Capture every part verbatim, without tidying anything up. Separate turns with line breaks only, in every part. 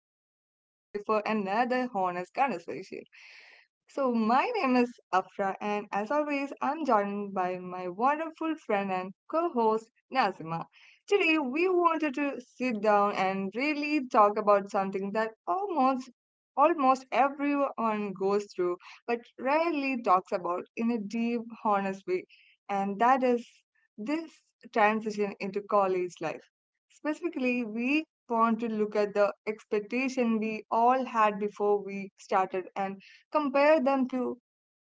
here with us today for another honest conversation. So, my name is Afra, and as always, I'm joined by my wonderful friend and co host Nazima. Today, we wanted to sit down and really talk about something that almost almost everyone goes through but rarely talks about in a deep honest way, and that is this transition into college life. Specifically, we want to look at the expectation we all had before we started and compare them to,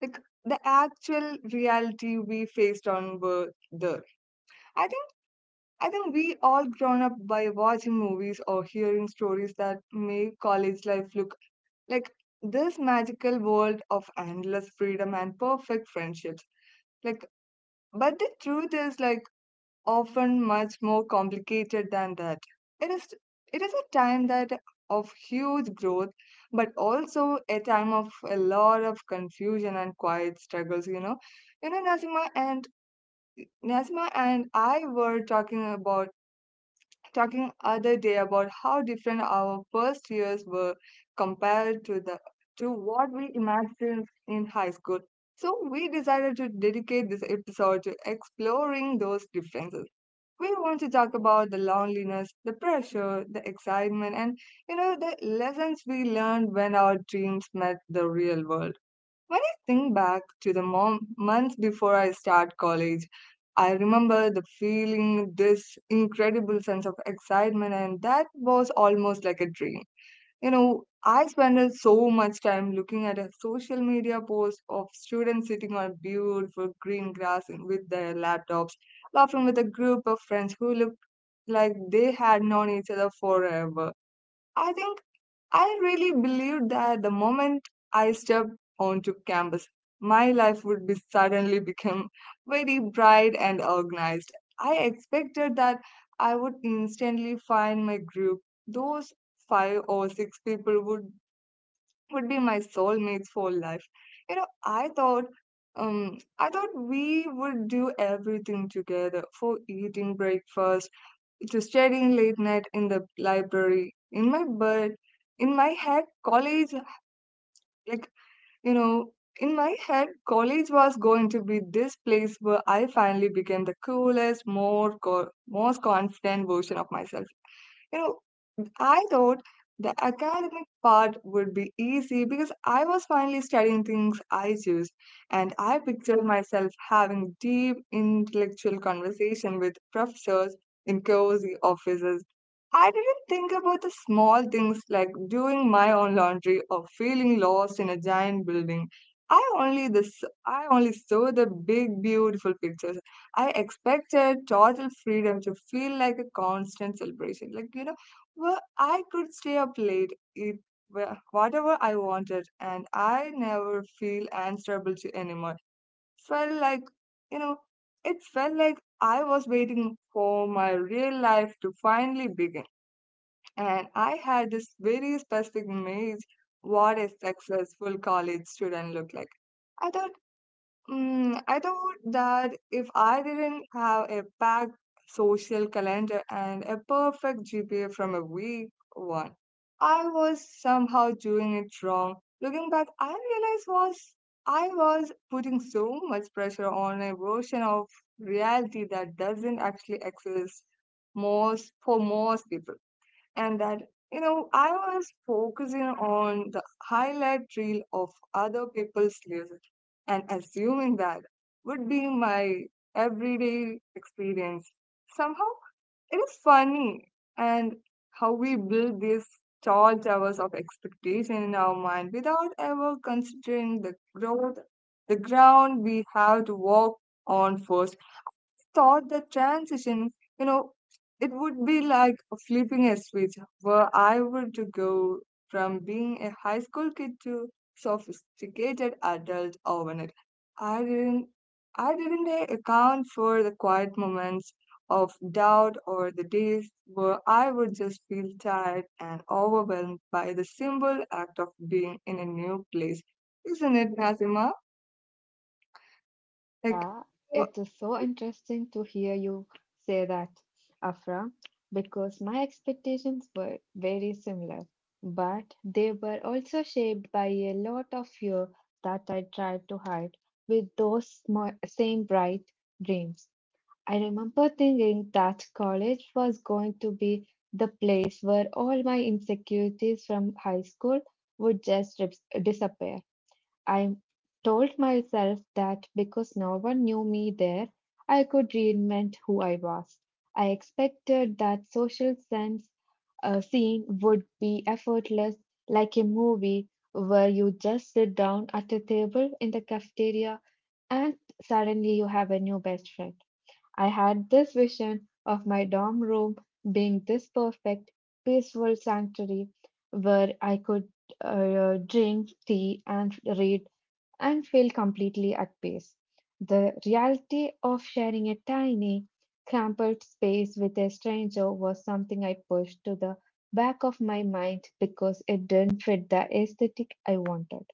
like, the actual reality we faced on were there. I think I think we all grown up by watching movies or hearing stories that make college life look like this magical world of endless freedom and perfect friendships. Like, but the truth is, like, often much more complicated than that. It is it is a time that of huge growth, but also a time of a lot of confusion and quiet struggles. You know, you know, Nazima and Nazima and I were talking about talking other day about how different our first years were compared to the to what we imagined in high school. So we decided to dedicate this episode to exploring those differences. We want to talk about the loneliness, the pressure, the excitement, and, you know, the lessons we learned when our dreams met the real world. When I think back to the mom- months before I start college, I remember the feeling, this incredible sense of excitement, and that was almost like a dream. You know, I spent so much time looking at a social media post of students sitting on beautiful green grass with their laptops, laughing with a group of friends who looked like they had known each other forever. I think I really believed that the moment I stepped onto campus, my life would be suddenly become very bright and organized. I expected that I would instantly find my group. Those five or six people would would be my soulmates for life. You know, I thought um, I thought we would do everything together for eating breakfast, it was studying late night in the library, in my bed, in my head, college, like, you know, in my head, college was going to be this place where I finally became the coolest, more co- most confident version of myself. You know, and I thought the academic part would be easy because I was finally studying things I choose. And I pictured myself having deep intellectual conversation with professors in cozy offices. I didn't think about the small things like doing my own laundry or feeling lost in a giant building. I only this I only saw the big beautiful pictures. I expected total freedom to feel like a constant celebration. Like, you know, well, I could stay up late, eat wha- whatever I wanted, and I never feel answerable to anyone. Felt like, you know, it felt like I was waiting for my real life to finally begin. And I had this very specific image what a successful college student looked like. I thought Mm, I thought that if I didn't have a packed social calendar and a perfect G P A from a week one, I was somehow doing it wrong. Looking back, I realized was I was putting so much pressure on a version of reality that doesn't actually exist most for most people, and that, you know, I was focusing on the highlight reel of other people's lives and assuming that would be my everyday experience somehow. It is funny and how we build these tall towers of expectation in our mind without ever considering the growth, the ground we have to walk on first. Thought the transition, you know, it would be like flipping a switch where I would to go from being a high school kid to sophisticated adult overnight. I didn't I didn't a- account for the quiet moments of doubt or the days where I would just feel tired and overwhelmed by the simple act of being in a new place. Isn't it, Nazima? Like,
Yeah,
oh,
it is so interesting to hear you say that, Afra, because my expectations were very similar, but they were also shaped by a lot of fear that I tried to hide with those small, same bright dreams. I remember thinking that college was going to be the place where all my insecurities from high school would just dis- disappear. I told myself that because no one knew me there, I could reinvent who I was. I expected that social sense uh, scene would be effortless, like a movie where you just sit down at a table in the cafeteria and suddenly you have a new best friend. I had this vision of my dorm room being this perfect, peaceful sanctuary where I could uh, drink tea and read and feel completely at peace. The reality of sharing a tiny, cramped space with a stranger was something I pushed to the back of my mind because it didn't fit the aesthetic I wanted.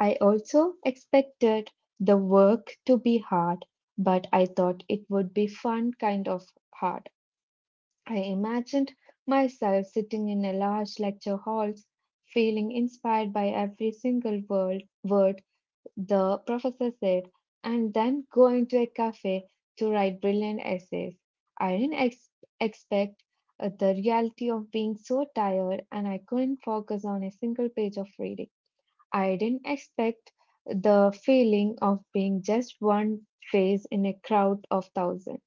I also expected the work to be hard, but I thought it would be fun kind of hard. I imagined myself sitting in a large lecture hall, feeling inspired by every single word, the professor said, and then go into a cafe to write brilliant essays. I didn't ex- expect uh, the reality of being so tired and I couldn't focus on a single page of reading. I didn't expect the feeling of being just one face in a crowd of thousands,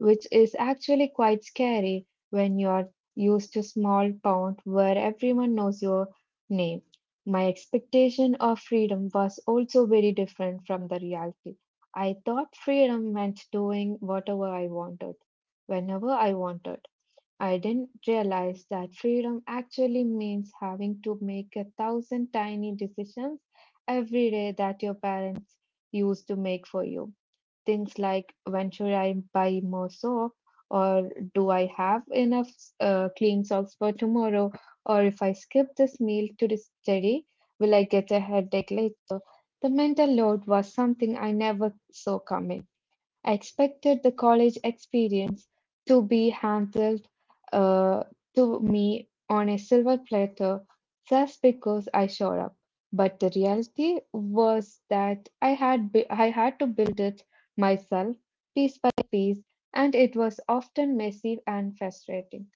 which is actually quite scary when you're used to small town where everyone knows your name. My expectation of freedom was also very different from the reality. I thought freedom meant doing whatever I wanted, whenever I wanted. I didn't realize that freedom actually means having to make a thousand tiny decisions every day that your parents used to make for you. Things like when should I buy more soap, or do I have enough uh, clean socks for tomorrow, or if I skip this meal to the study, will I get a headache later? The mental load was something I never saw coming. I expected the college experience to be handled uh, to me on a silver platter just because I showed up. But the reality was that I had bu- I had to build it myself, piece by piece, and it was often messy and frustrating.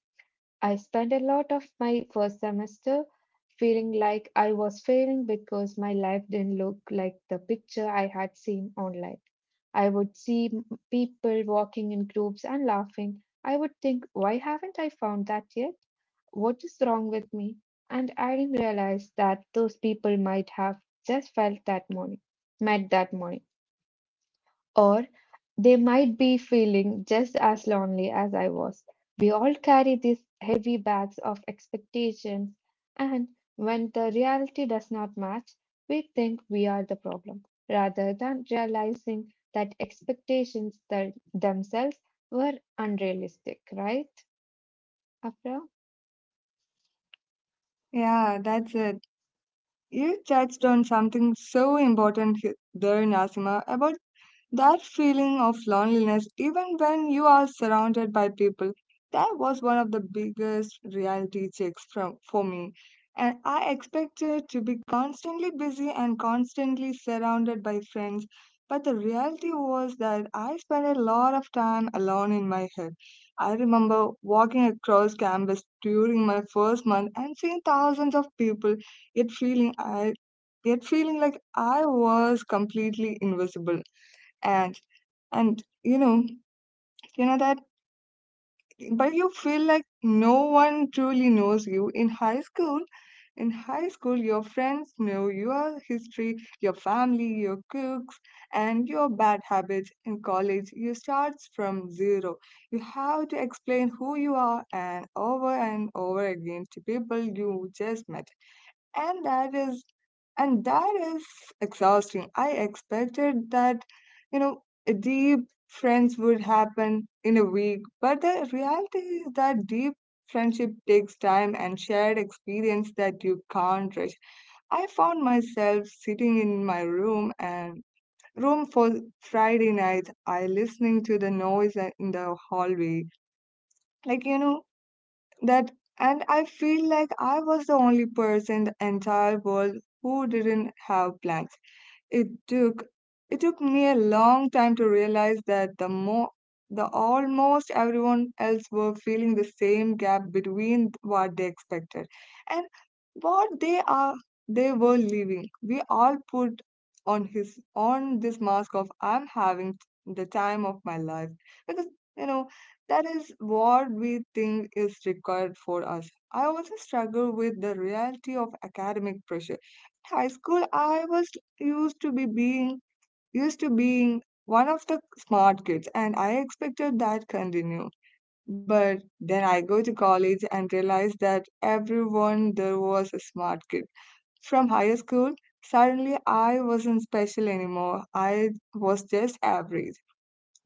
I spent a lot of my first semester feeling like I was failing because my life didn't look like the picture I had seen online. I would see m- people walking in groups and laughing. I would think, why haven't I found that yet? What is wrong with me? And I didn't realize that those people might have just felt that morning, met that morning, or they might be feeling just as lonely as I was. We all carry these heavy bags of expectations, and when the reality does not match, we think we are the problem, rather than realizing that expectations that themselves were unrealistic, right, Afra?
yeah, that's it. You touched on something so important he- there, Nasima, about that feeling of loneliness, even when you are surrounded by people. That was one of the biggest reality checks from, for me. And I expected to be constantly busy and constantly surrounded by friends, but the reality was that I spent a lot of time alone in my head. I remember walking across campus during my first month and seeing thousands of people, yet feeling I yet feeling like I was completely invisible. And and you know you know that but you feel like no one truly knows you in high school. In high school your friends know your history, your family, your quirks, and your bad habits. In college you start from zero. You have to explain who you are and over and over again to people you just met, and that is and that is exhausting. I expected that, you know, deep friends would happen in a week, but the reality is that deep friendship takes time and shared experience that you can't rush. I found myself sitting in my room and room for friday nights, I listening to the noise in the hallway, like, you know, that, and I feel like I was the only person in the entire world who didn't have plans. It took it took me a long time to realize that the more the almost everyone else were feeling the same gap between what they expected and what they are they were living. We all put on his on this mask of I'm having the time of my life because, you know, that is what we think is required for us. I also struggle with the reality of academic pressure. In high school, I was used to be being used to being one of the smart kids and I expected that continue. But then I go to college and realize that everyone there was a smart kid. From higher school, suddenly I wasn't special anymore. I was just average.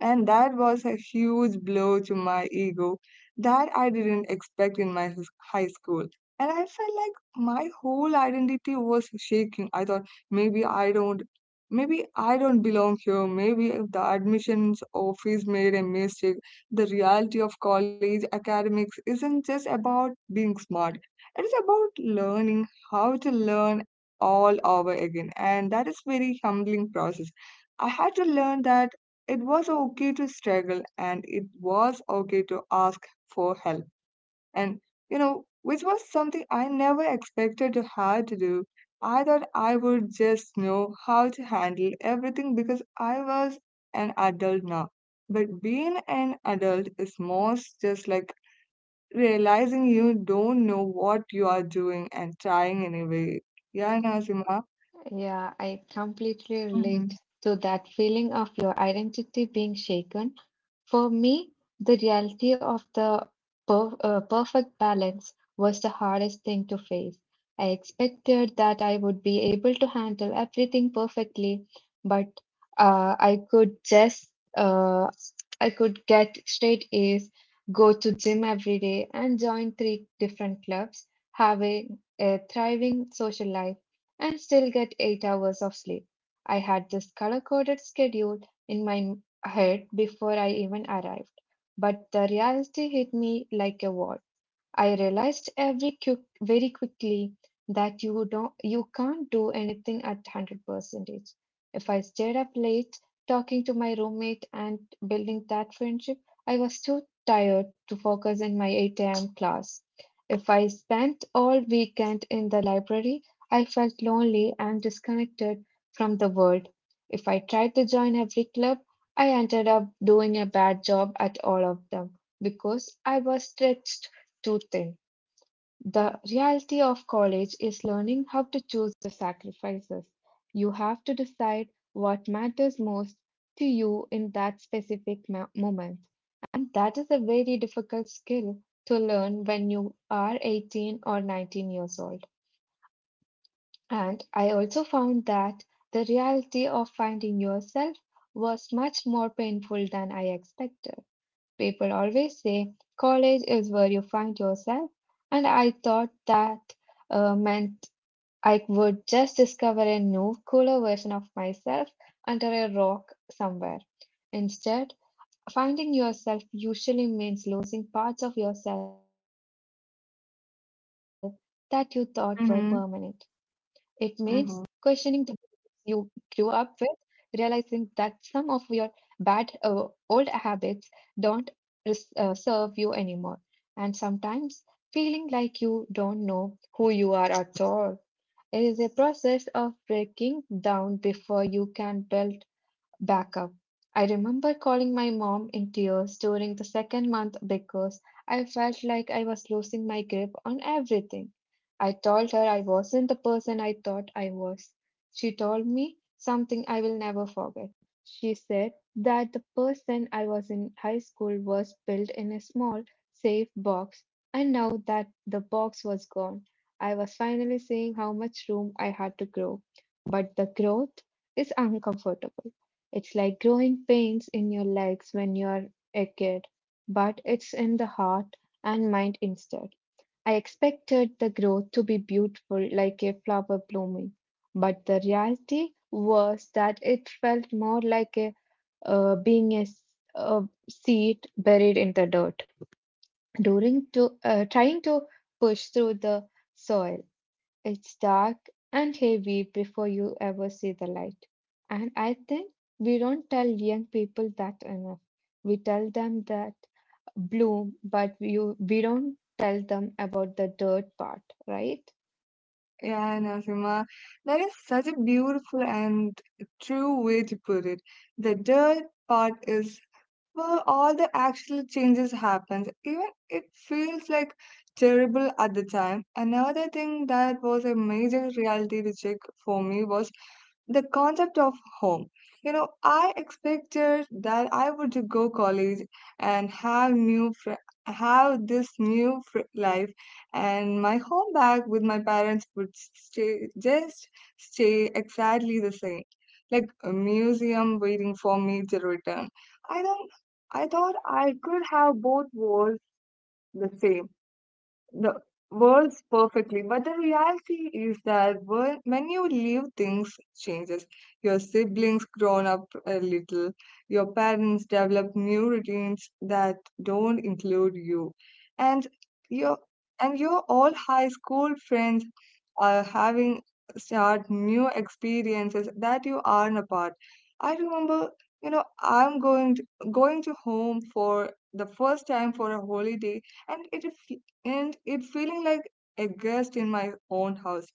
And that was a huge blow to my ego that I didn't expect in my his- high school. And I felt like my whole identity was shaking. I thought maybe I don't maybe I don't belong here. Maybe if the admissions office made a mistake. The reality of college academics isn't just about being smart. It is about learning how to learn all over again. And that is very humbling process. I had to learn that it was okay to struggle and it was okay to ask for help. And, you know, which was something I never expected to have to do. I thought I would just know how to handle everything because I was an adult now. But being an adult is most just like realizing you don't know what you are doing and trying anyway. Yeah, Nazima.
Yeah, I completely
Mm-hmm.
relate to that feeling of your identity being shaken. For me, the reality of the per- uh, perfect balance was the hardest thing to face. I expected that I would be able to handle everything perfectly, but uh, I could just uh, I could get straight A's, go to gym every day, and join three different clubs, having a thriving social life, and still get eight hours of sleep. I had this color-coded schedule in my ahead before I even arrived. But the reality hit me like a wall. I realized every quick, very quickly that you don't you can't do anything at one hundred percent. If I stayed up late talking to my roommate and building that friendship, I was too tired to focus in my eight a m class. If I spent all weekend in the library, I felt lonely and disconnected from the world. If I tried to join every club, I ended up doing a bad job at all of them because I was stretched too thin. The reality of college is learning how to choose the sacrifices. You have to decide what matters most to you in that specific ma- moment. And that is a very difficult skill to learn when you are eighteen or nineteen years old. And I also found that the reality of finding yourself was much more painful than I expected. People always say college is where you find yourself, and I thought that uh, meant I would just discover a new, cooler version of myself under a rock somewhere. Instead, finding yourself usually means losing parts of yourself that you thought were permanent. It means questioning
Mm-hmm.
the you grew
Mm-hmm.
up with, realizing that some of your bad uh, old habits don't res- uh, serve you anymore, and sometimes feeling like you don't know who you are at all. It is a process of breaking down before you can build backup. I remember calling my mom in tears during the second month because I felt like I was losing my grip on everything. I told her I wasn't the person I thought I was. She told me something I will never forget. She said that the person I was in high school was built in a small, safe box, and now that the box was gone, I was finally seeing how much room I had to grow. But the growth is uncomfortable. It's like growing pains in your legs when you're a kid, but it's in the heart and mind instead. I expected the growth to be beautiful, like a flower blooming, but the reality was that it felt more like a uh, being a, s- a seed buried in the dirt, during to uh, trying to push through the soil. It's dark and heavy before you ever see the light. And I think we don't tell young people that enough. We tell them that bloom, but we we don't tell them about the dirt part, right?
Yeah, I know, Seema. That is such a beautiful and true way to put it. The dirt part is where all the actual changes happens. Even it feels like terrible at the time. Another thing that was a major reality to check for me was the concept of home. You know, I expected that I would to go college and have new fr- have this new fr- life, and my home back with my parents would stay just stay exactly the same, like a museum waiting for me to return. I don't. I thought I could have both worlds the same the words perfectly, but the reality is that wor- when you leave things changes. Your siblings grown up a little, your parents develop new routines that don't include you, and your and your old high school friends, uh, having start new experiences that you aren't apart. I remember, you know, I'm going to, going to home for the first time for a holiday, and it fe- and it feeling like a guest in my own house.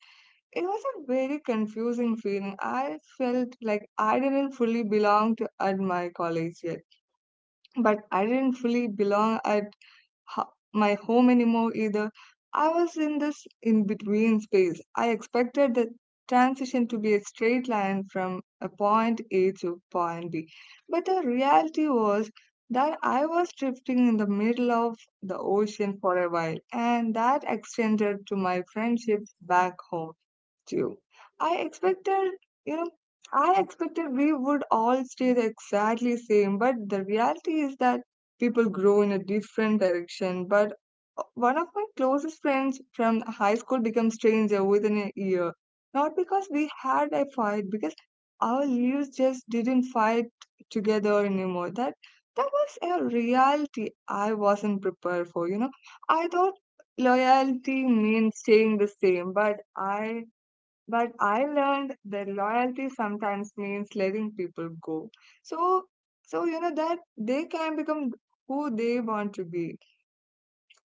It was a very confusing feeling. I felt like I didn't fully belong to at my college yet, but I didn't fully belong at ho- my home anymore either. I was in this in between space. I expected the transition to be a straight line from a point A to point B. But the reality was that I was drifting in the middle of the ocean for a while, and that extended to my friendships back home. True. I expected, you know, I expected we would all stay the exactly same, but the reality is that people grow in a different direction. But, uh, one of my closest friends from high school became stranger within a year. Not because we had a fight, because our leaders just didn't fight together anymore. That that was a reality I wasn't prepared for, you know. I thought loyalty means staying the same, but I but I learned that loyalty sometimes means letting people go. So, so you know that they can become who they want to be.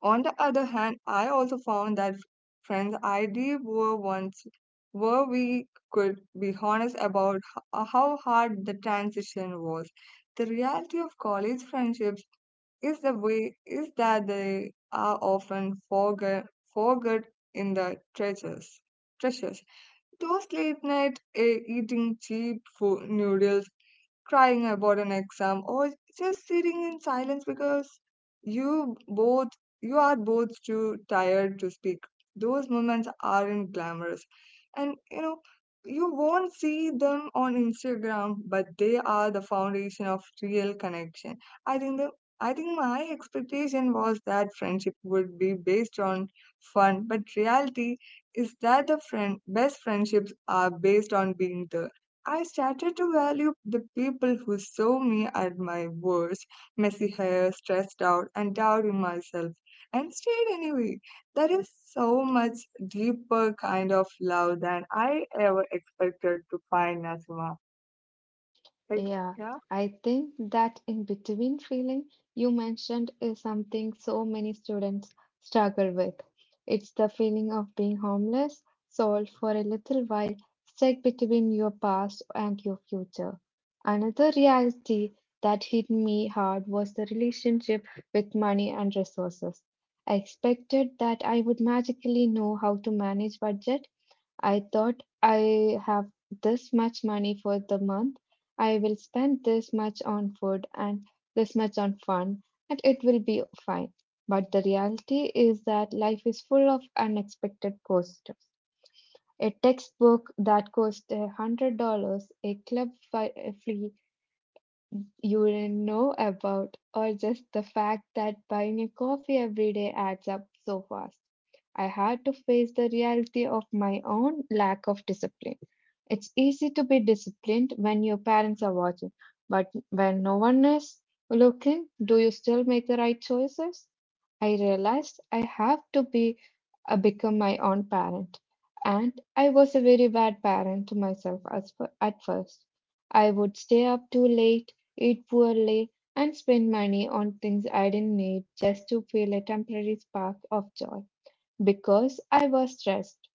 On the other hand, I also found that friends I did were once where we could be honest about h- how hard the transition was. The reality of college friendships is the way is that they are often forget forget in the treasures treasures. Toast late night eh, eating cheap food noodles, crying about an exam, or just sitting in silence because you both you are both too tired to speak. Those moments aren't glamorous, and you know you won't see them on Instagram, but they are the foundation of real connection. i think the i think my expectation was that friendship would be based on fun, but reality is that the friend best friendships are based on being there. I started to value the people who saw me at my worst, messy hair, stressed out, and doubting myself, and stayed anyway. That is so much deeper kind of love than I ever expected to find, Nazima. Like,
Yeah,
yeah.
I think that in between feeling you mentioned is something so many students struggle with. It's the feeling of being homeless, sold for a little while, stuck between your past and your future. Another reality that hit me hard was the relationship with money and resources. I expected that I would magically know how to manage budget. I thought I have this much money for the month. I will spend this much on food and this much on fun, and it will be fine. But the reality is that life is full of unexpected costs. A textbook that costs a hundred dollars, a club fi- fee you didn't know about, or just the fact that buying a coffee every day adds up so fast. I had to face the reality of my own lack of discipline. It's easy to be disciplined when your parents are watching, but when no one is looking, do you still make the right choices? I realized I have to be uh, become my own parent, and I was a very bad parent to myself as for, at first. I would stay up too late, eat poorly, and spend money on things I didn't need just to feel a temporary spark of joy because I was stressed.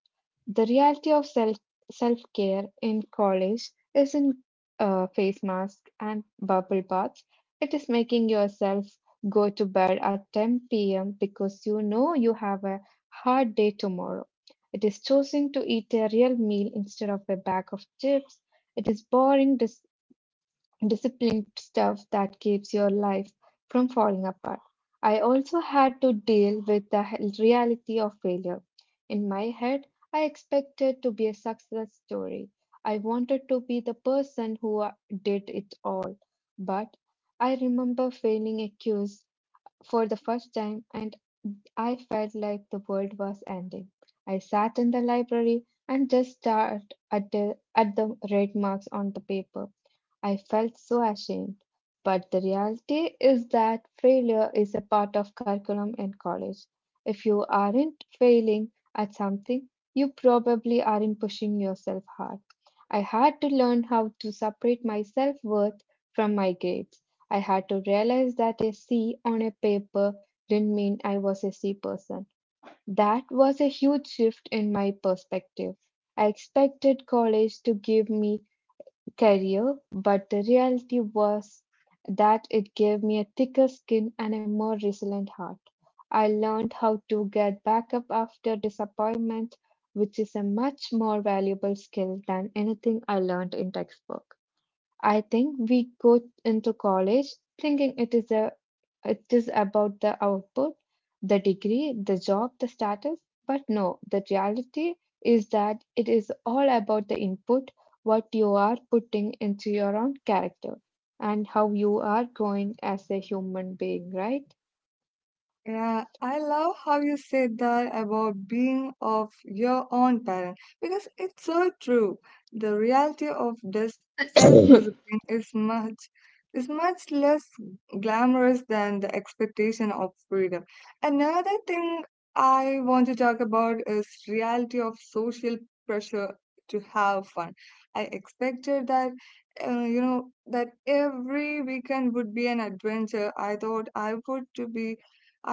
The reality of self self care in college isn't uh, face masks and bubble baths. It is making yourself go to bed at ten p m because you know you have a hard day tomorrow. It is choosing to eat a real meal instead of a bag of chips. It is boring dis- disciplined stuff that keeps your life from falling apart. I also had to deal with the he- reality of failure. In my head, I expected to be a success story. I wanted to be the person who uh, did it all. But I remember failing a quiz for the first time, and I felt like the world was ending. I sat in the library and just stared at the, at the red marks on the paper. I felt so ashamed. But the reality is that failure is a part of curriculum in college. If you aren't failing at something, you probably aren't pushing yourself hard. I had to learn how to separate my self worth from my grades. I had to realize that a C on a paper didn't mean I was a C person. That was a huge shift in my perspective. I expected college to give me career, but the reality was that it gave me a thicker skin and a more resilient heart. I learned how to get back up after disappointment, which is a much more valuable skill than anything I learned in textbook. I think we go into college thinking it is a it is about the output, the degree, the job, the status. But no, the reality is that it is all about the input, what you are putting into your own character, and how you are growing as a human being, right?
Yeah, I love how you said that about being of your own parent because it's so true. The reality of this self-discipline is much is much less glamorous than the expectation of freedom. Another thing I want to talk about is reality of social pressure to have fun. I expected that uh, you know that every weekend would be an adventure. I thought I would to be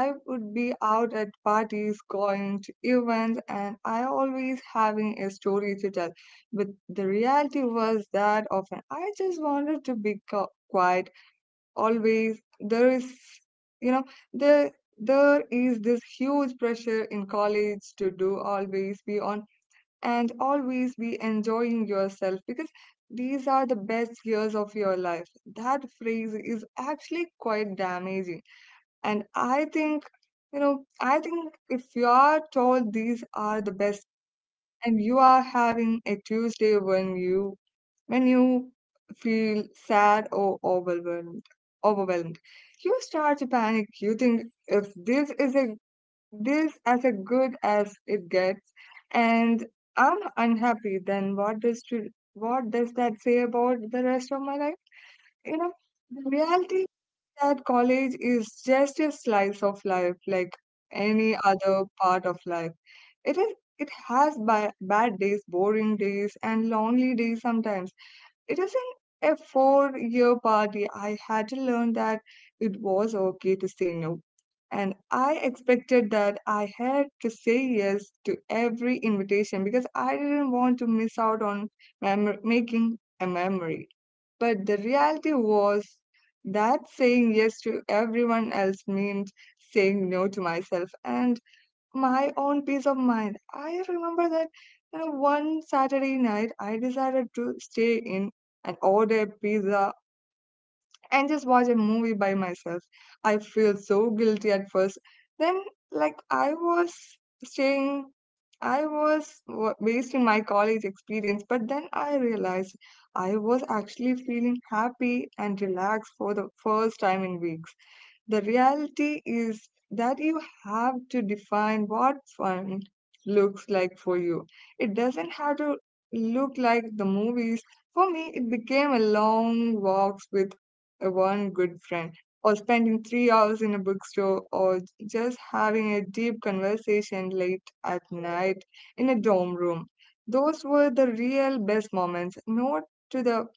I would be out at parties, going to events, and I always having a story to tell. But the reality was that often I just wanted to be co- quiet. Always there is, you know, there there is this huge pressure in college to do always be on and always be enjoying yourself because these are the best years of your life. That phrase is actually quite damaging, and I think, you know, I think if you are told these are the best, and you are having a Tuesday when you when you feel sad or overwhelmed overwhelmed, you start to panic. You think, if this is a this as a good as it gets, and I'm unhappy, then what does to, what does that say about the rest of my life? You know the reality that college is just a slice of life, like any other part of life. It is it has ba- bad days, boring days, and lonely days sometimes. It was in a four year party. I had to learn that it was okay to say no. And I expected that I had to say yes to every invitation because I didn't want to miss out on mem- making a memory. But the reality was that saying yes to everyone else meant saying no to myself. And my own peace of mind. I remember that, you know, one Saturday night I decided to stay in and order pizza and just watch a movie by myself. I feel so guilty at first. Then, like, I was staying, I was wa- wasting my college experience, but then I realized I was actually feeling happy and relaxed for the first time in weeks. The reality is that you have to define what fun looks like for you. It doesn't have to look like the movies. For me, it became a long walks with a one good friend, or spending three hours in a bookstore, or just having a deep conversation late at night in a dorm room. Those were the real best moments, not to the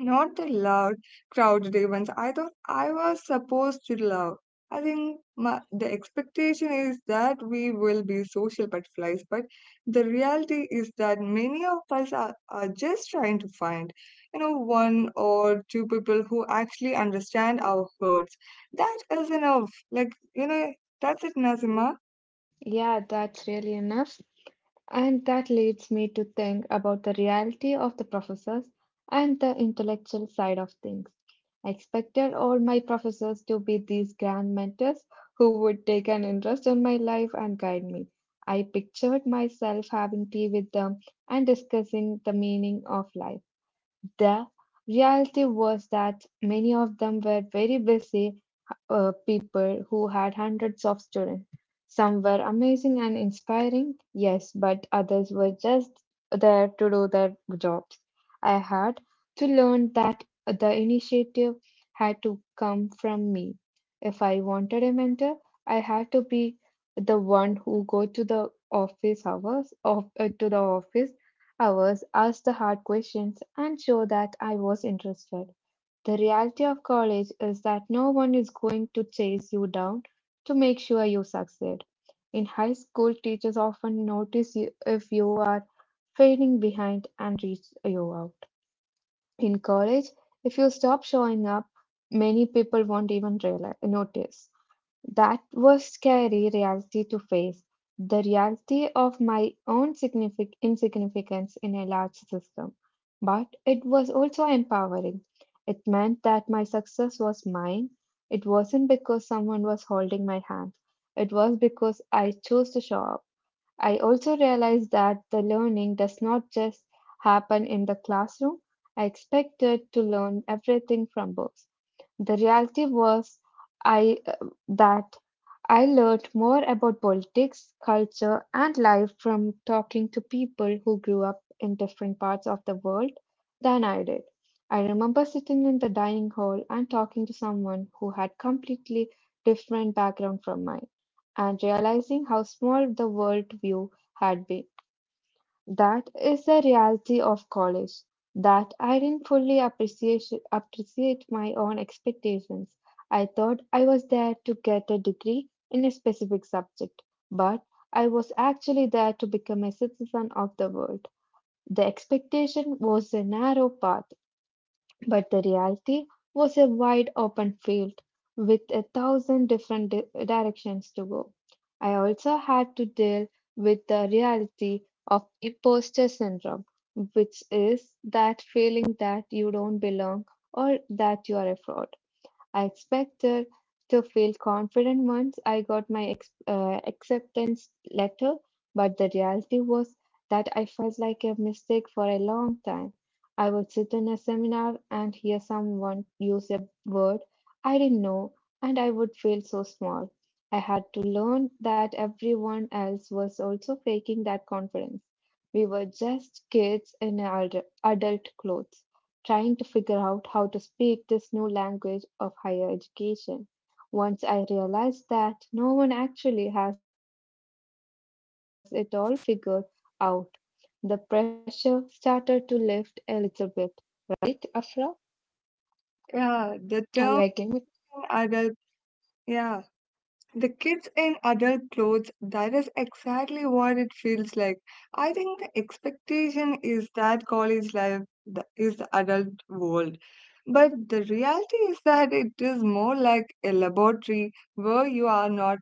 not the loud, crowded ones I thought I was supposed to love. I think my, the expectation is that we will be social butterflies, but the reality is that many of us are, are just trying to find, you know, one or two people who actually understand our hurts. That is enough. Like, you know, that's it, Nazima.
Yeah, that's really enough. And that leads me to think about the reality of the professors and the intellectual side of things. I expected all my professors to be these grand mentors who would take an interest in my life and guide me. I pictured myself having tea with them and discussing the meaning of life. The reality was that many of them were very busy uh, people who had hundreds of students. Some were amazing and inspiring, yes, but others were just there to do their jobs. I had to learn that the initiative had to come from me. If I wanted a mentor, I had to be the one who go to the office hours of uh, to the office hours, ask the hard questions, and show that I was interested. The reality of college is that no one is going to chase you down to make sure you succeed. In high school, teachers often notice you if you are fading behind and reach you out. In college, if you stop showing up, many people won't even realize, notice. That was scary reality to face, the reality of my own signific- insignificance in a large system. But it was also empowering. It meant that my success was mine. It wasn't because someone was holding my hand. It was because I chose to show up. I also realized that the learning does not just happen in the classroom. I expected to learn everything from books. The reality was I uh, that I learned more about politics, culture, and life from talking to people who grew up in different parts of the world than I did. I remember sitting in the dining hall and talking to someone who had completely different background from mine and realizing how small the world view had been. That is the reality of college. That I didn't fully appreciate, appreciate my own expectations. I thought I was there to get a degree in a specific subject, but I was actually there to become a citizen of the world. The expectation was a narrow path, but the reality was a wide open field with a thousand different di- directions to go. I also had to deal with the reality of imposter syndrome, which is that feeling that you don't belong or that you are a fraud. I expected to feel confident once I got my ex- uh, acceptance letter, but the reality was that I felt like a mistake for a long time. I would sit in a seminar and hear someone use a word I didn't know, and I would feel so small. I had to learn that everyone else was also faking that confidence. We were just kids in adult adult clothes trying to figure out how to speak this new language of higher education. Once I realized that no one actually has it all figured out, the pressure started to lift a little bit. Right, Afra? Are
Yeah,
you
the
again?
term
With
adult, yeah. The kids in adult clothes, that is exactly what it feels like. I think the expectation is that college life th- is the adult world. But the reality is that it is more like a laboratory where you are not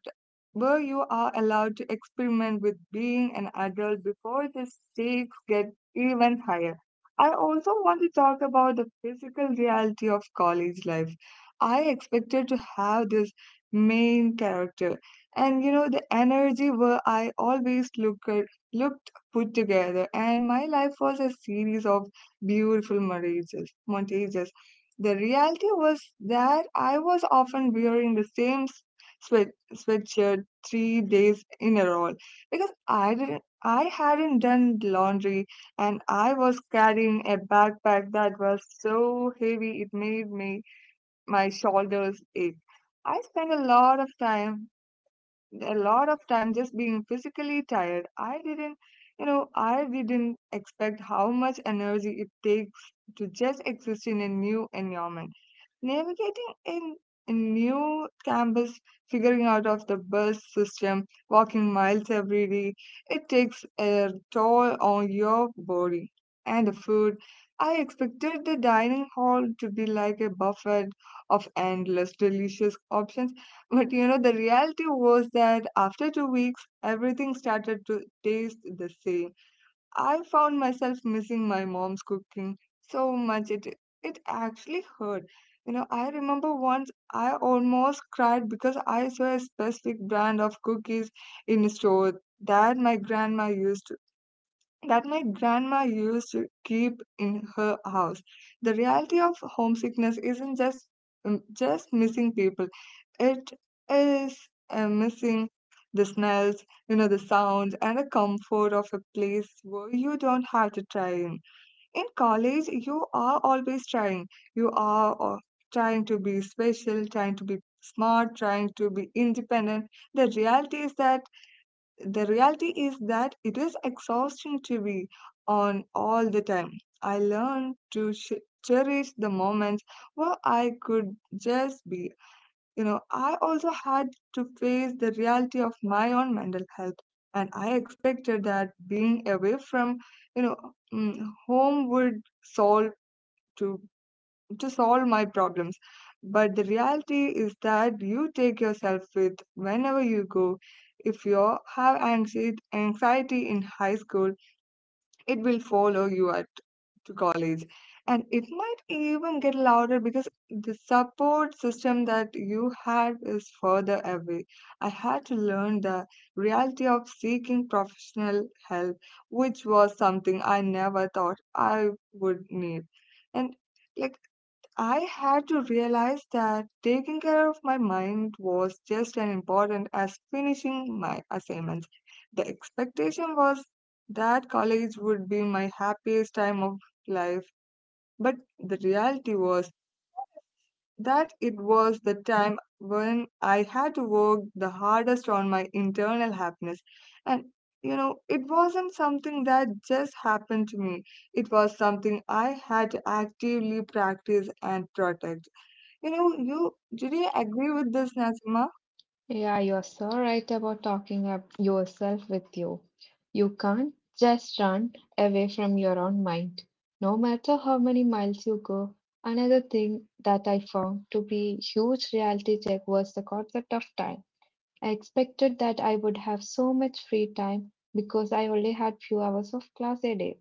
where you are allowed to experiment with being an adult before the stakes get even higher. I also want to talk about the physical reality of college life. I expected to have this main character. And, you know, the energy were I always look at, looked put together, and my life was a series of beautiful marriages, montages. The reality was that I was often wearing the same s- sweat sweatshirt three days in a row because I didn't I hadn't done laundry, and I was carrying a backpack that was so heavy it made me my shoulders ache. I spend a lot of time a lot of time just being physically tired. I didn't you know i didn't expect how much energy it takes to just exist in a new environment, navigating in a new campus, figuring out of the bus system, walking miles every day. It takes a toll on your body. And the food, I expected the dining hall to be like a buffet of endless delicious options, but you know, the reality was that after two weeks, everything started to taste the same. I found myself missing my mom's cooking so much it it actually hurt. You know, I remember once I almost cried because I saw a specific brand of cookies in a store that my grandma used that my grandma used to keep in her house. The reality of homesickness isn't just um, just missing people; it is uh, missing the smells, you know, the sounds, and the comfort of a place where you don't have to try in. In college, you are always trying. You are uh, trying to be special, trying to be smart, trying to be independent. The reality is that the reality is that it is exhausting to be on all the time. I learned to sh- cherish the moments where I could just be. You know, I also had to face the reality of my own mental health, and I expected that being away from, you know, mm, home would solve to to solve my problems. But the reality is that you take yourself with whenever you go. If you have anxie- anxiety in high school, it will follow you at to college. And it might even get louder because the support system that you had is further away. I had to learn the reality of seeking professional help, which was something I never thought I would need. And, like, I had to realize that taking care of my mind was just as important as finishing my assignments. The expectation was that college would be my happiest time of life, but the reality was that it was the time when I had to work the hardest on my internal happiness. And, you know, it wasn't something that just happened to me, it was something I had to actively practice and protect. You know, you Did you agree with this, Nazima?
yeah, you're so right about talking up yourself with you. You can't just run away from your own mind, no matter how many miles you go. Another thing that I found to be huge reality check was the concept of time. I expected that I would have so much free time because I only had few hours of class a day.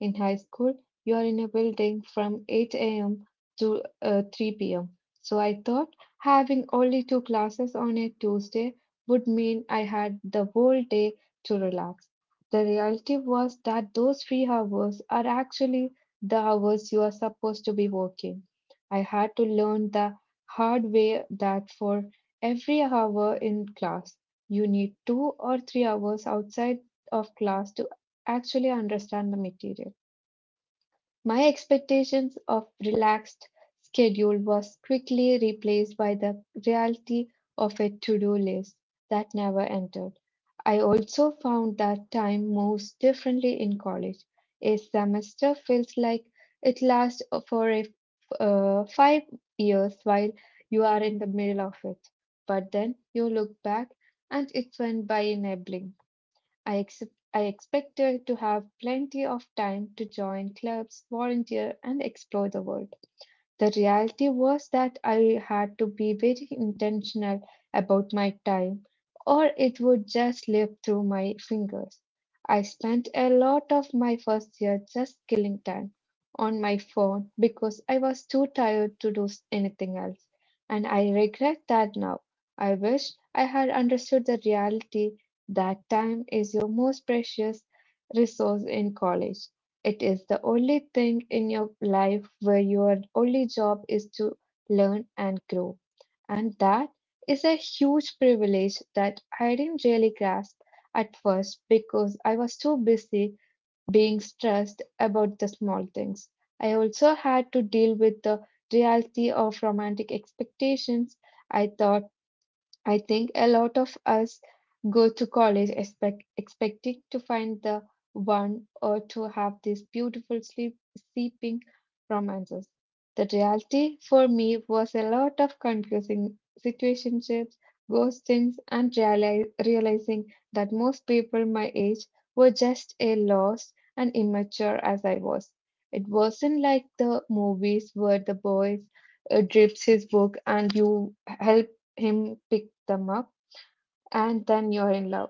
In high school, you are in a building from eight a m to uh, three p m. So I thought having only two classes on a Tuesday would mean I had the whole day to relax. The reality was that those free hours are actually the hours you are supposed to be working. I had to learn the hard way that for every hour in class, you need two or three hours outside of class to actually understand the material. My expectations of relaxed schedule was quickly replaced by the reality of a to-do list that never ended. I also found that time moves differently in college. A semester feels like it lasts for a, uh, five years while you are in the middle of it. But then you look back and it went by in a blink. I, ex- I expected to have plenty of time to join clubs, volunteer, and explore the world. The reality was that I had to be very intentional about my time, or it would just slip through my fingers. I spent a lot of my first year just killing time on my phone because I was too tired to do anything else, and I regret that now. I wish I had understood the reality that time is your most precious resource in college. It is the only thing in your life where your only job is to learn and grow. And that is a huge privilege that I didn't really grasp at first because I was too busy being stressed about the small things. I also had to deal with the reality of romantic expectations. I thought I think a lot of us go to college expect, expecting to find the one or to have these beautiful sleep seeping romances. The reality for me was a lot of confusing situationships, ghostings, and reali- realizing that most people my age were just as lost and immature as I was. It wasn't like the movies where the boys uh, drips his book and you help him pick them up, and then you're in love.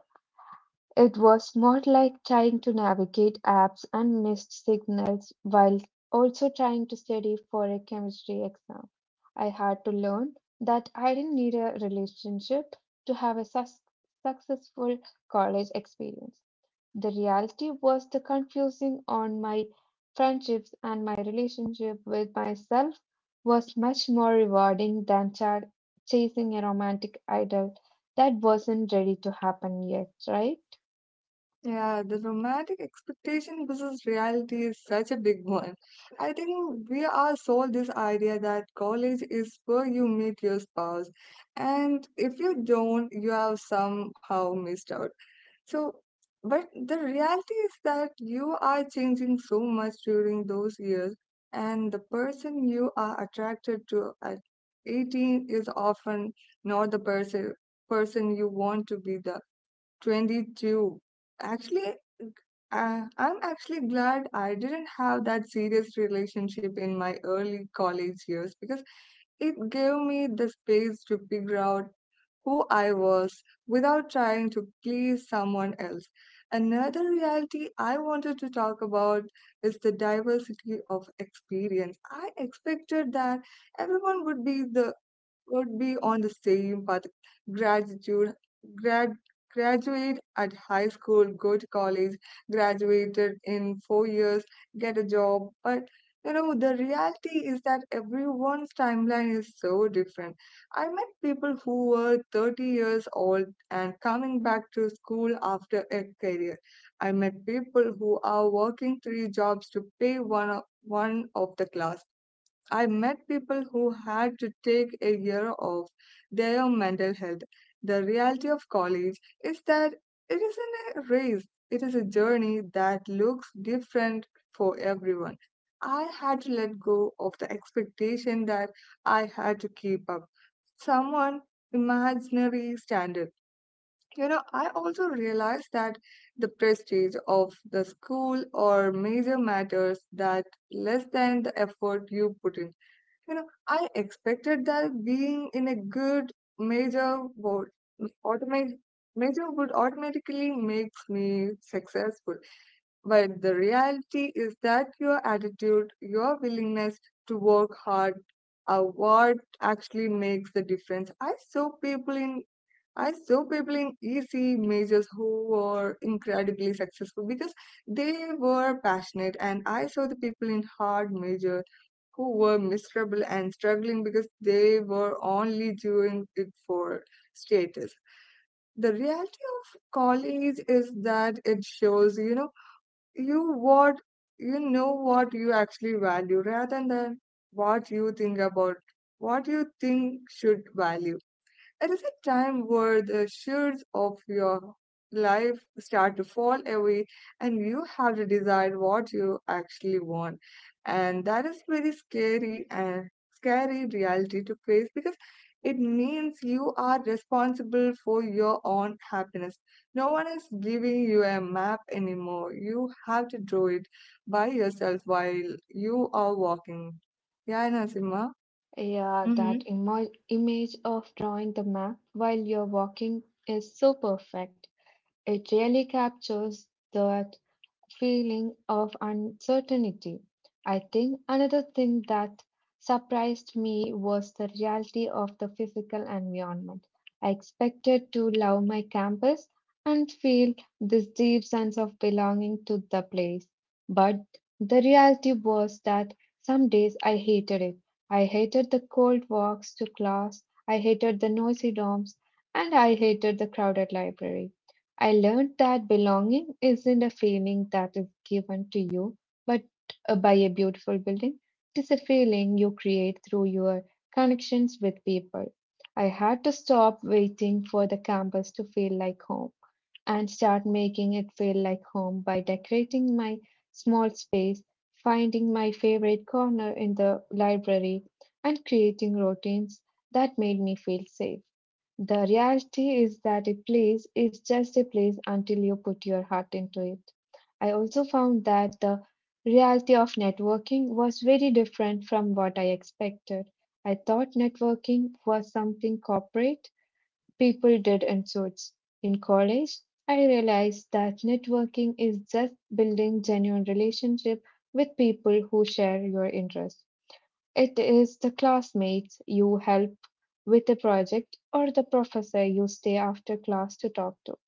It was more like trying to navigate apps and missed signals while also trying to study for a chemistry exam. I had to learn that I didn't need a relationship to have a sus- successful college experience. The reality was the confusing on my friendships, and my relationship with myself was much more rewarding than ch- chasing a romantic idol that wasn't ready to happen yet, right?
Yeah, the romantic expectation versus reality is such a big one. I think we are sold this idea that college is where you meet your spouse, and if you don't, you have somehow missed out. So, but the reality is that you are changing so much during those years, and the person you are attracted to at eighteen is often not the person person you want to be the twenty-two. Actually, uh, I'm actually glad I didn't have that serious relationship in my early college years, because it gave me the space to figure out who I was without trying to please someone else. Another reality I wanted to talk about is the diversity of experience. I expected that everyone would be the would be on the same path. Gratitude, grad, graduate at high school, go to college, graduated in four years, get a job. But, you know, the reality is that everyone's timeline is so different. I met people who were thirty years old and coming back to school after a career. I met people who are working three jobs to pay one o- one of the class. I met people who had to take a year off their mental health. The reality of college is that it isn't a race, it is a journey that looks different for everyone. I had to let go of the expectation that I had to keep up someone imaginary standard. You know, I also realized that the prestige of the school or major matters that less than the effort you put in. You know, I expected that being in a good major would automate major would automatically makes me successful. But the reality is that your attitude, your willingness to work hard are what actually makes the difference. I saw people in I saw people in E C majors who were incredibly successful because they were passionate, and I saw the people in hard major who were miserable and struggling because they were only doing it for status. The reality of college is that it shows, you know, you what you know what you actually value rather than what you think about what you think should value. It is a time where the shades of your life start to fall away and you have to decide what you actually want. And that is very scary and scary reality to face because it means you are responsible for your own happiness. No one is giving you a map anymore. You have to draw it by yourself while you are walking. Yeah, Nasima.
Yeah,
Mm-hmm.
that imo- image of drawing the map while you're walking is so perfect. It really captures that feeling of uncertainty. I think another thing that surprised me was the reality of the physical environment. I expected to love my campus and feel this deep sense of belonging to the place. But the reality was that some days I hated it. I hated the cold walks to class, I hated the noisy dorms, and I hated the crowded library. I learned that belonging isn't a feeling that is given to you, but uh, by a beautiful building. It is a feeling you create through your connections with people. I had to stop waiting for the campus to feel like home and start making it feel like home by decorating my small space, finding my favorite corner in the library, and creating routines that made me feel safe. The reality is that a place is just a place until you put your heart into it. I also found that the reality of networking was very different from what I expected. I thought networking was something corporate people did in suits. In college, I realized that networking is just building genuine relationship with people who share your interests. It is the classmates you help with a project or the professor you stay after class to talk to.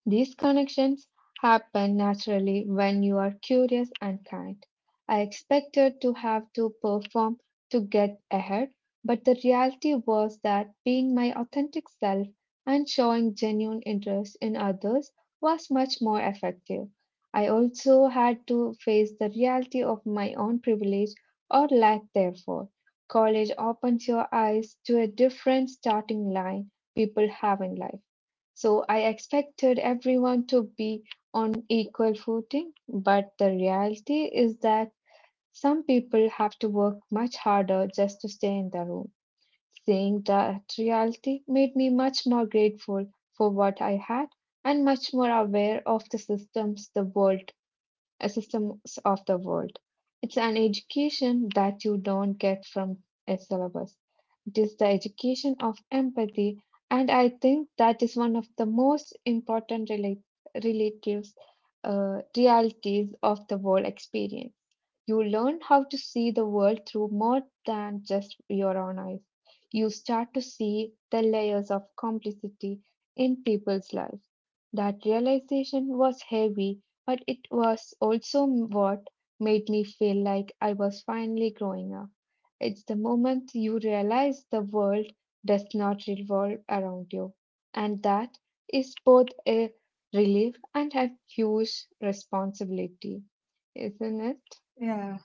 These connections happen naturally when you are curious and kind. I expected to have to perform to get ahead, but the reality was that being my authentic self and showing genuine interest in others was much more effective. I also had to face the reality of my own privilege or lack thereof. College opens your eyes to a different starting line people have in life. So I expected everyone to be on equal footing, but the reality is that some people have to work much harder just to stay in the room. Seeing that reality made me much more grateful for what I had and much more aware of the systems the world uh, systems of the world. It's an education that you don't get from a syllabus. It is the education of empathy, and I think that is one of the most important relate- relatives uh, realities of the world experience. You learn how to see the world through more than just your own eyes. You start to see the layers of complicity in people's lives. That realization was heavy, but it was also what made me feel like I was finally growing up. It's the moment you realize the world does not revolve around you. And that is both a relief and a huge responsibility, isn't it?
Yeah.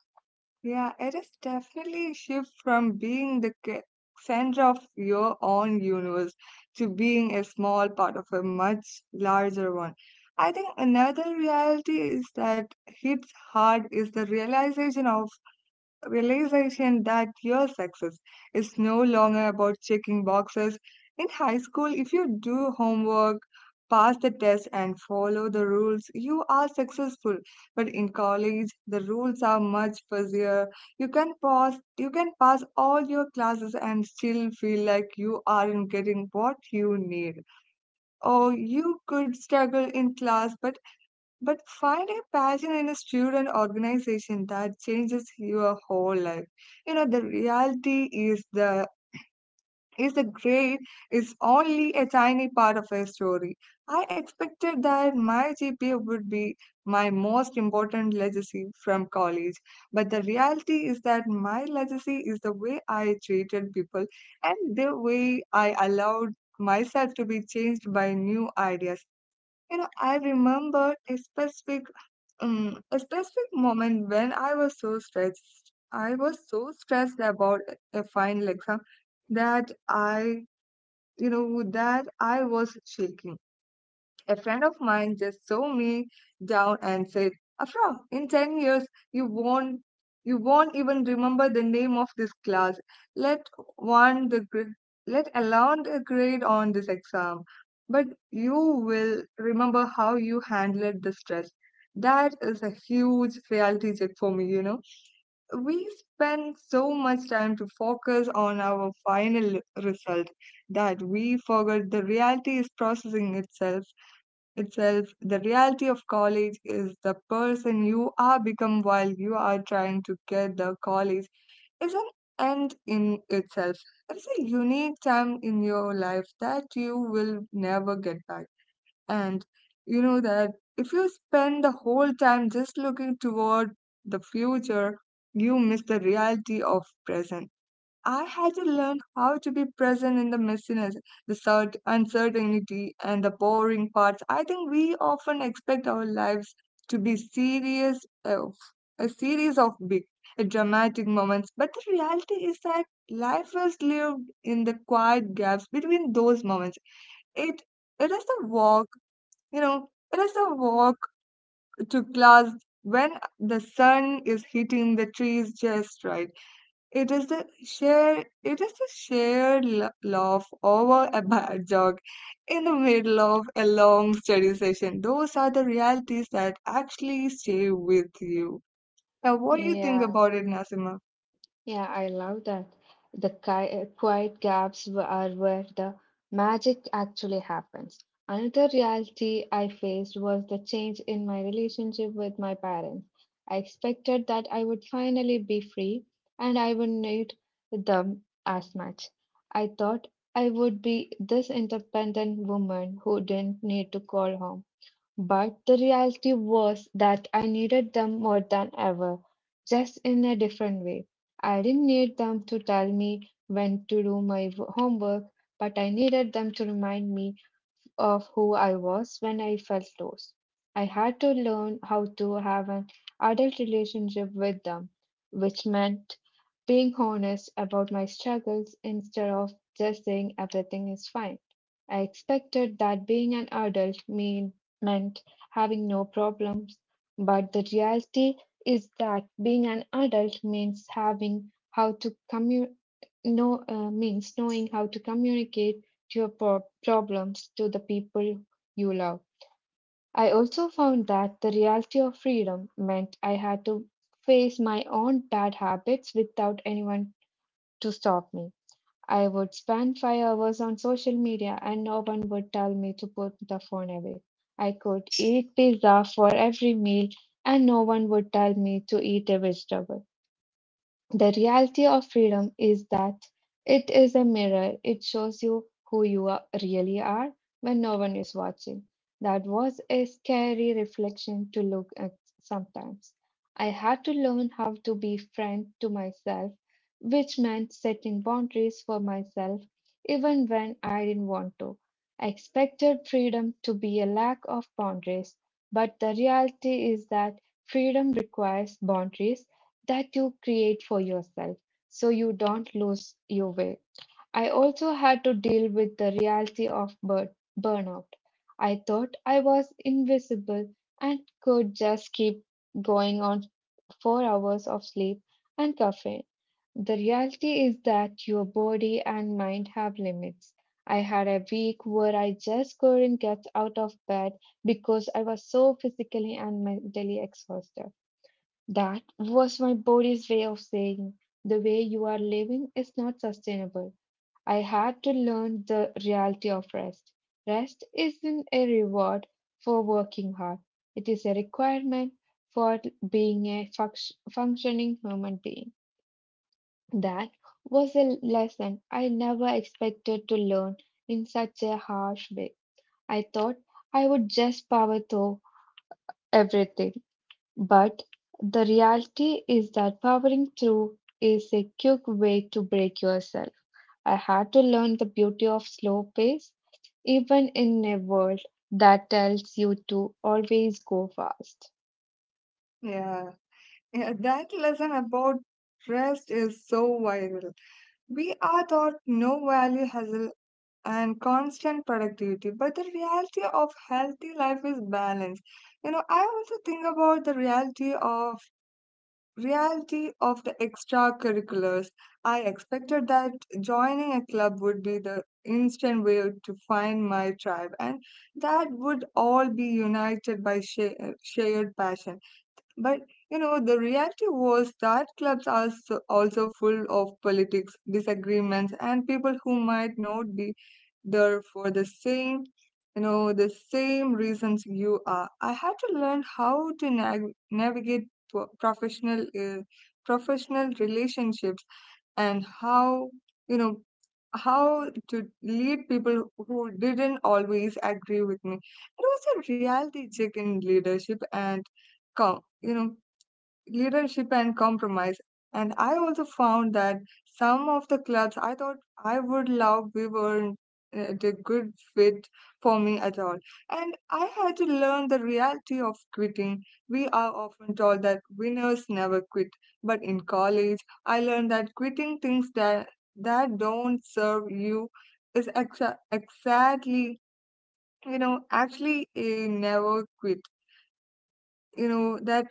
Yeah, it is definitely a shift from being the ca- center of your own universe to being a small part of a much larger one. I think another reality is that hits hard is the realization of realization that your success is no longer about checking boxes. In high school, if you do homework, pass the test, and follow the rules, you are successful. But in college, the rules are much fuzzier. You can pass, you can pass all your classes and still feel like you aren't getting what you need. Or you could struggle in class but but find a passion in a student organization that changes your whole life. You know, the reality is the is the grade is only a tiny part of a story. I expected that my G P A would be my most important legacy from college, but the reality is that my legacy is the way I treated people and the way I allowed myself to be changed by new ideas. You know, I remembered a specific Mm, a specific moment when I was so stressed. I was so stressed about a a final exam that I, you know, that I was shaking. A friend of mine just saw me down and said, Afra, in ten years, you won't, you won't even remember the name of this class. Let one the gr- let alone the grade on this exam. But you will remember how you handled the stress. That is a huge reality check for me, you know. We spend so much time to focus on our final result that we forget the reality is processing itself itself, the reality of college is the person you are become while you are trying to get the college is an end in itself. It's a unique time in your life that you will never get back. And you know that if you spend the whole time just looking toward the future, you miss the reality of present. I had to learn how to be present in the messiness, the cert- uncertainty, and the boring parts. I think we often expect our lives to be serious, uh, a series of big, uh, dramatic moments, but the reality is that life is lived in the quiet gaps between those moments. It it is the walk, you know, it is the walk to class when the sun is hitting the trees just right, it is the sheer, it is the shared la- laugh over a bad joke in the middle of a long study session. Those are the realities that actually stay with you. Now, what do you think
Yeah,
about it, Nasima?
Yeah, I love that. The ki- uh, quiet gaps wh- are where the magic actually happens. Another reality I faced was the change in my relationship with my parents. I expected that I would finally be free and I wouldn't need them as much. I thought I would be this independent woman who didn't need to call home. But the reality was that I needed them more than ever, just in a different way. I didn't need them to tell me when to do my w- homework, but I needed them to remind me of who I was when I felt lost. I had to learn how to have an adult relationship with them, which meant being honest about my struggles instead of just saying everything is fine. I expected that being an adult mean, meant having no problems, but the reality is that being an adult means having how to commu- know, uh, means knowing how to communicate your pro- problems to the people you love. I also found that the reality of freedom meant I had to face my own bad habits without anyone to stop me. I would spend five hours on social media and no one would tell me to put the phone away. I could eat pizza for every meal and no one would tell me to eat a vegetable. The reality of freedom is that it is a mirror. It shows you who you are, really are when no one is watching. That was a scary reflection to look at sometimes. I had to learn how to be friend to myself, which meant setting boundaries for myself even when I didn't want to. I expected freedom to be a lack of boundaries, but the reality is that freedom requires boundaries that you create for yourself so you don't lose your way. I also had to deal with the reality of bur- burnout. I thought I was invisible and could just keep going on four hours of sleep and caffeine. The reality is that your body and mind have limits. I had a week where I just couldn't get out of bed because I was so physically and mentally exhausted. That was my body's way of saying, the way you are living is not sustainable. I had to learn the reality of rest. Rest isn't a reward for working hard, it is a requirement for being a funct- functioning human being. That was a lesson I never expected to learn in such a harsh way. I thought I would just power through everything. But the reality is that powering through is a quick way to break yourself. I had to learn the beauty of slow pace, even in a world that tells you to always go fast.
Yeah, yeah, that lesson about rest is so viral. We are taught no value hustle and constant productivity, but the reality of healthy life is balance. You know, I also think about the reality of reality of the extracurriculars. I expected that joining a club would be the instant way to find my tribe and that would all be united by sha- shared passion. But you know, the reality was that clubs are so- also full of politics, disagreements, and people who might not be there for the same, you know, the same reasons you are. I had to learn how to nav- navigate pro- professional, uh, professional relationships and how, you know, how to lead people who didn't always agree with me. It was a reality check in leadership and com- you know leadership and compromise. And I also found that some of the clubs I thought I would love we weren't uh, the good fit for me at all. And I had to learn the reality of quitting. We are often told that winners never quit, but in college, I learned that quitting things that that don't serve you is exa- exactly, you know actually a never quit, you know that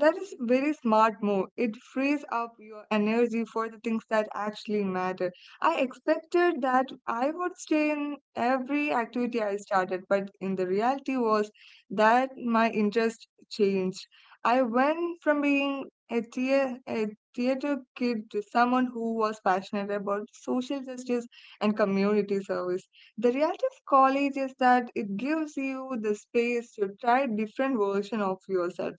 that is very smart move. It frees up your energy for the things that actually matter. I expected that I would stay in every activity I started, but in the reality was that my interest changed. I went from being a, thea- a theater kid to someone who was passionate about social justice and community service. The reality of college is that it gives you the space to try different version of yourself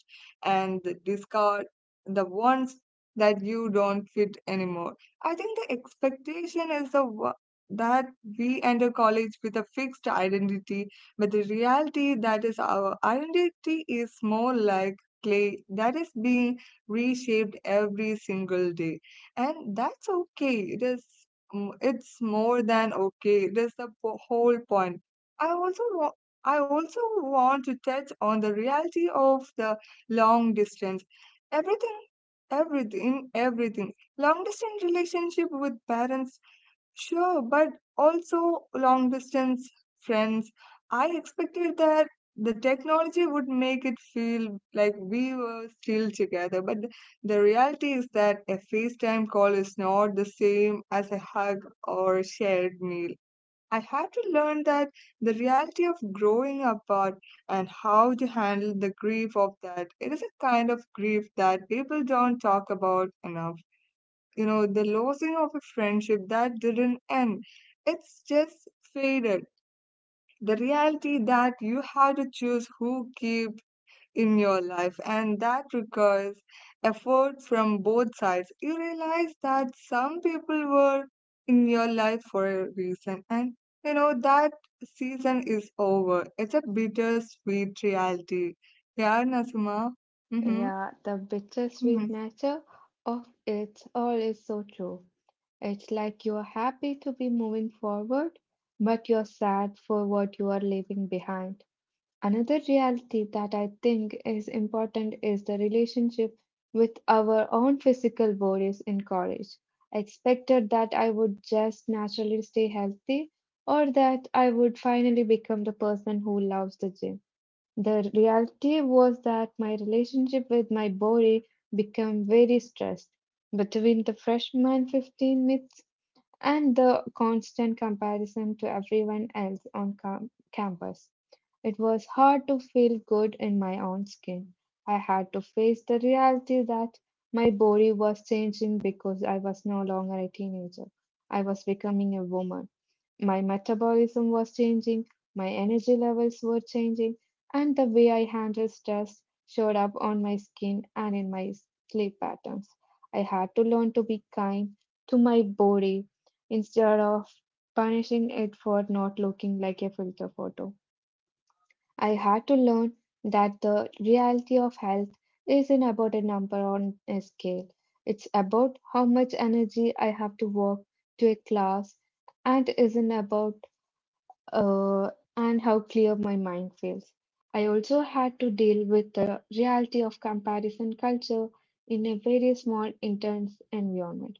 and discard the ones that you don't fit anymore. I think the expectation is the wo- that we enter college with a fixed identity, but the reality that is our identity is more like clay that is being reshaped every single day, and that's okay. It is mm, it's more than okay. It is the po- whole point. i also want I also want to touch on the reality of the long distance everything everything everything long distance relationship with parents, sure, but also long distance friends. I expected that the technology would make it feel like we were still together, but th- the reality is that a FaceTime call is not the same as a hug or shared meal. I had to learn that the reality of growing apart and how to handle the grief of that. It is a kind of grief that people don't talk about enough. You know, the losing of a friendship that didn't end, it's just faded. The reality that you had to choose who keep in your life, and that requires effort from both sides. You realize that some people were in your life for a reason, and you know that season is over. It's a bittersweet reality. Yeah, Nasima. Mm-hmm.
Yeah, the
Mm-hmm.
bittersweet nature of it all is so true. It's like you're happy to be moving forward, but you're sad for what you are leaving behind. Another reality that I think is important is the relationship with our own physical bodies in college. I expected that I would just naturally stay healthy or that I would finally become the person who loves the gym. The reality was that my relationship with my body became very stressed. Between the freshman fifteen minutes and the constant comparison to everyone else on cam- campus. It was hard to feel good in my own skin. I had to face the reality that my body was changing because I was no longer a teenager. I was becoming a woman. My metabolism was changing, my energy levels were changing, and the way I handled stress showed up on my skin and in my sleep patterns. I had to learn to be kind to my body instead of punishing it for not looking like a filter photo. I had to learn that the reality of health isn't about a number on a scale. It's about how much energy I have to work to a class and isn't about uh, and how clear my mind feels. I also had to deal with the reality of comparison culture in a very small, intense environment.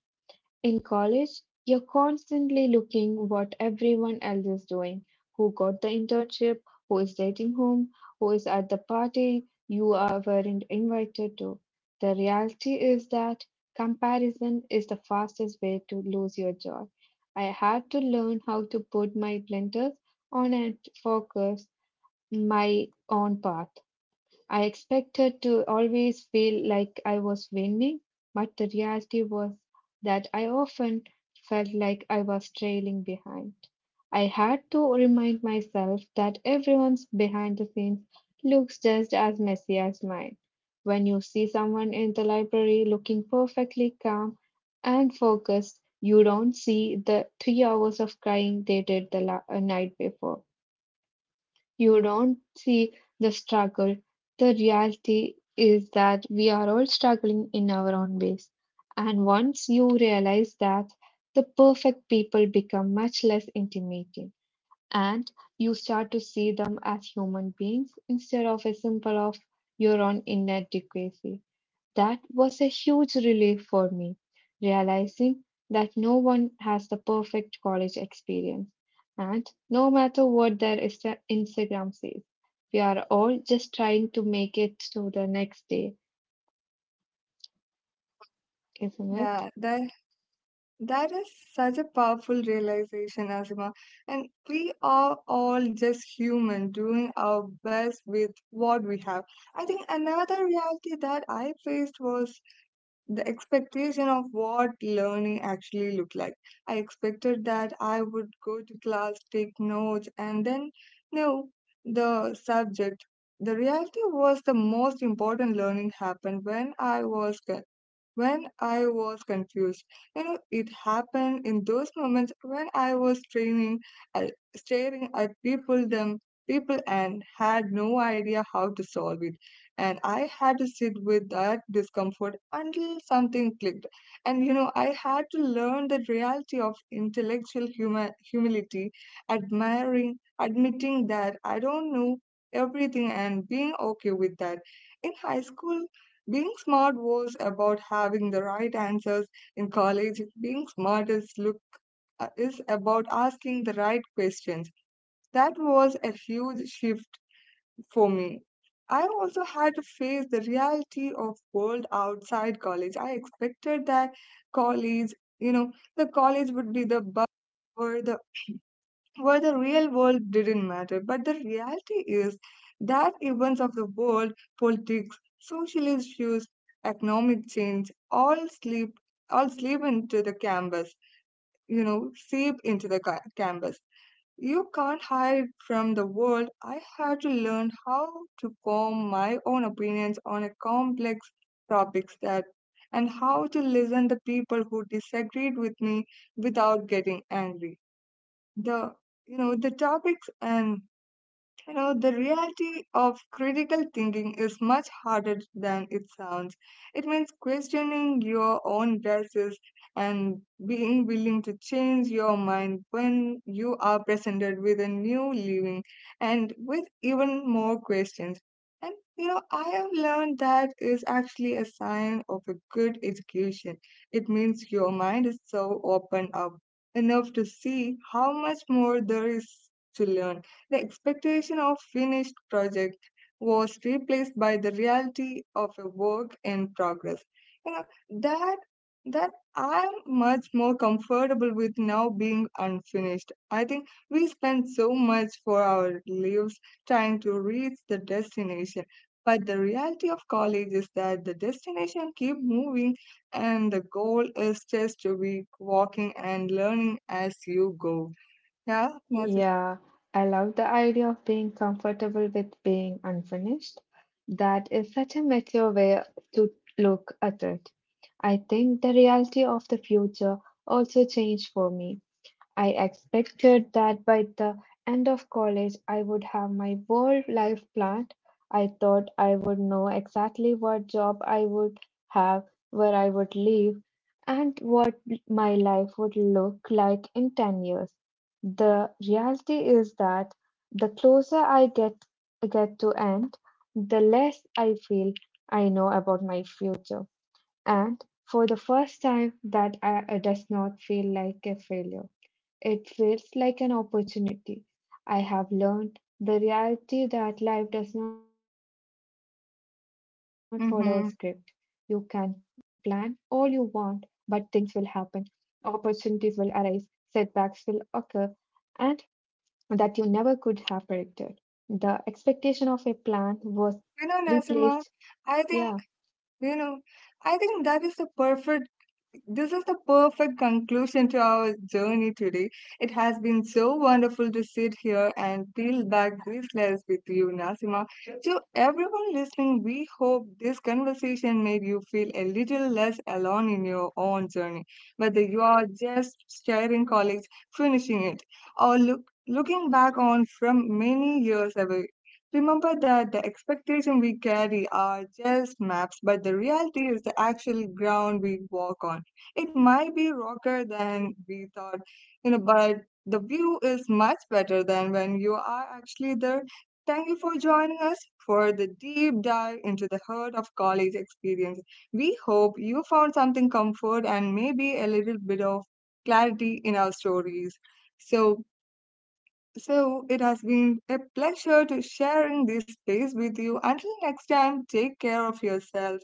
In college, you're constantly looking what everyone else is doing, who got the internship, who is dating whom, who is at the party you are weren't invited to. The reality is that comparison is the fastest way to lose your joy. I had to learn how to put my blinders on and focus my own path. I expected to always feel like I was winning, but the reality was that I often felt like I was trailing behind. I had to remind myself that everyone's behind the scenes looks just as messy as mine. When you see someone in the library looking perfectly calm and focused, you don't see the three hours of crying they did the la- uh, night before. You don't see the struggle. The reality is that we are all struggling in our own ways. And once you realize that, the perfect people become much less intimidating and you start to see them as human beings instead of a symbol of your own inadequacy. That was a huge relief for me, realizing that no one has the perfect college experience. And no matter what their Insta- Instagram says, we are all just trying to make it to the next day, isn't it?
Yeah, that that is such a powerful realization, Azima. And we are all just human doing our best with what we have. I think another reality that I faced was the expectation of what learning actually looked like. I expected that I would go to class, take notes, and then know the subject. The reality was the most important learning happened when I was g- when I was confused. You know, it happened in those moments when I was training, uh, staring at people, them people, and had no idea how to solve it. And I had to sit with that discomfort until something clicked. And you know, I had to learn the reality of intellectual huma- humility, admiring, admitting that I don't know everything, and being okay with that. In high school, being smart was about having the right answers in college. Being smart is look uh, is about asking the right questions. That was a huge shift for me. I also had to face the reality of world outside college. I expected that college, you know, the college would be the buzz or the where the real world didn't matter. But the reality is that events of the world, politics, social issues, economic change, all sleep all sleep into the canvas, you know, seep into the ca- canvas. You can't hide from the world. I had to learn how to form my own opinions on a complex topics that and how to listen to people who disagreed with me without getting angry the you know the topics and you know, the reality of critical thinking is much harder than it sounds. It means questioning your own biases and being willing to change your mind when you are presented with a new living and with even more questions. And you know, I have learned that is actually a sign of a good education. It means your mind is so open up enough to see how much more there is to learn the expectation of finished project was replaced by the reality of a work in progress. You know, that that I'm much more comfortable with now being unfinished. I think we spend so much for our lives trying to reach the destination. But the reality of college is that the destination keep moving and the goal is just to be walking and learning as you go. Yeah, that's it.
Yeah, I love the idea of being comfortable with being unfinished. That is such a mature way to look at it. I think the reality of the future also changed for me. I expected that by the end of college I would have my whole life planned. I thought I would know exactly what job I would have, where I would live, and what my life would look like in ten years. The reality is that the closer I get get to end, the less I feel I know about my future. And for the first time that I, does not feel like a failure. It feels like an opportunity. I have learned the reality that life does not follow a script. You can plan all you
Mm-hmm.
want, but things will happen. Opportunities will arise, setbacks will occur, and that you never could have predicted. The expectation of a plan was
You know,
replaced,
Nasima, I think,
yeah
you know, I think that is the perfect, this is the perfect conclusion to our journey today. It has been so wonderful to sit here and peel back these layers with you, Nasima. To everyone listening, we hope this conversation made you feel a little less alone in your own journey, whether you are just starting college, finishing it, or look, looking back on from many years away. Remember that the expectation we carry are just maps, but the reality is the actual ground we walk on. It might be rougher than we thought, you know, but the view is much better than when you are actually there. Thank you for joining us for the deep dive into the heart of college experience. We hope you found something comfort and maybe a little bit of clarity in our stories. So so it has been a pleasure to sharing this space with you. Until next time, take care of yourself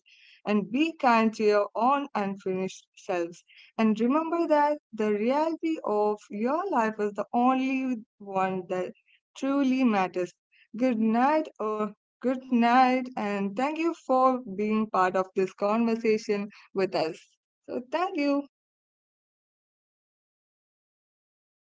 and be kind to your own unfinished selves. And remember that the reality of your life is the only one that truly matters. Good night or good night and thank you for being part of this conversation with us. So thank you.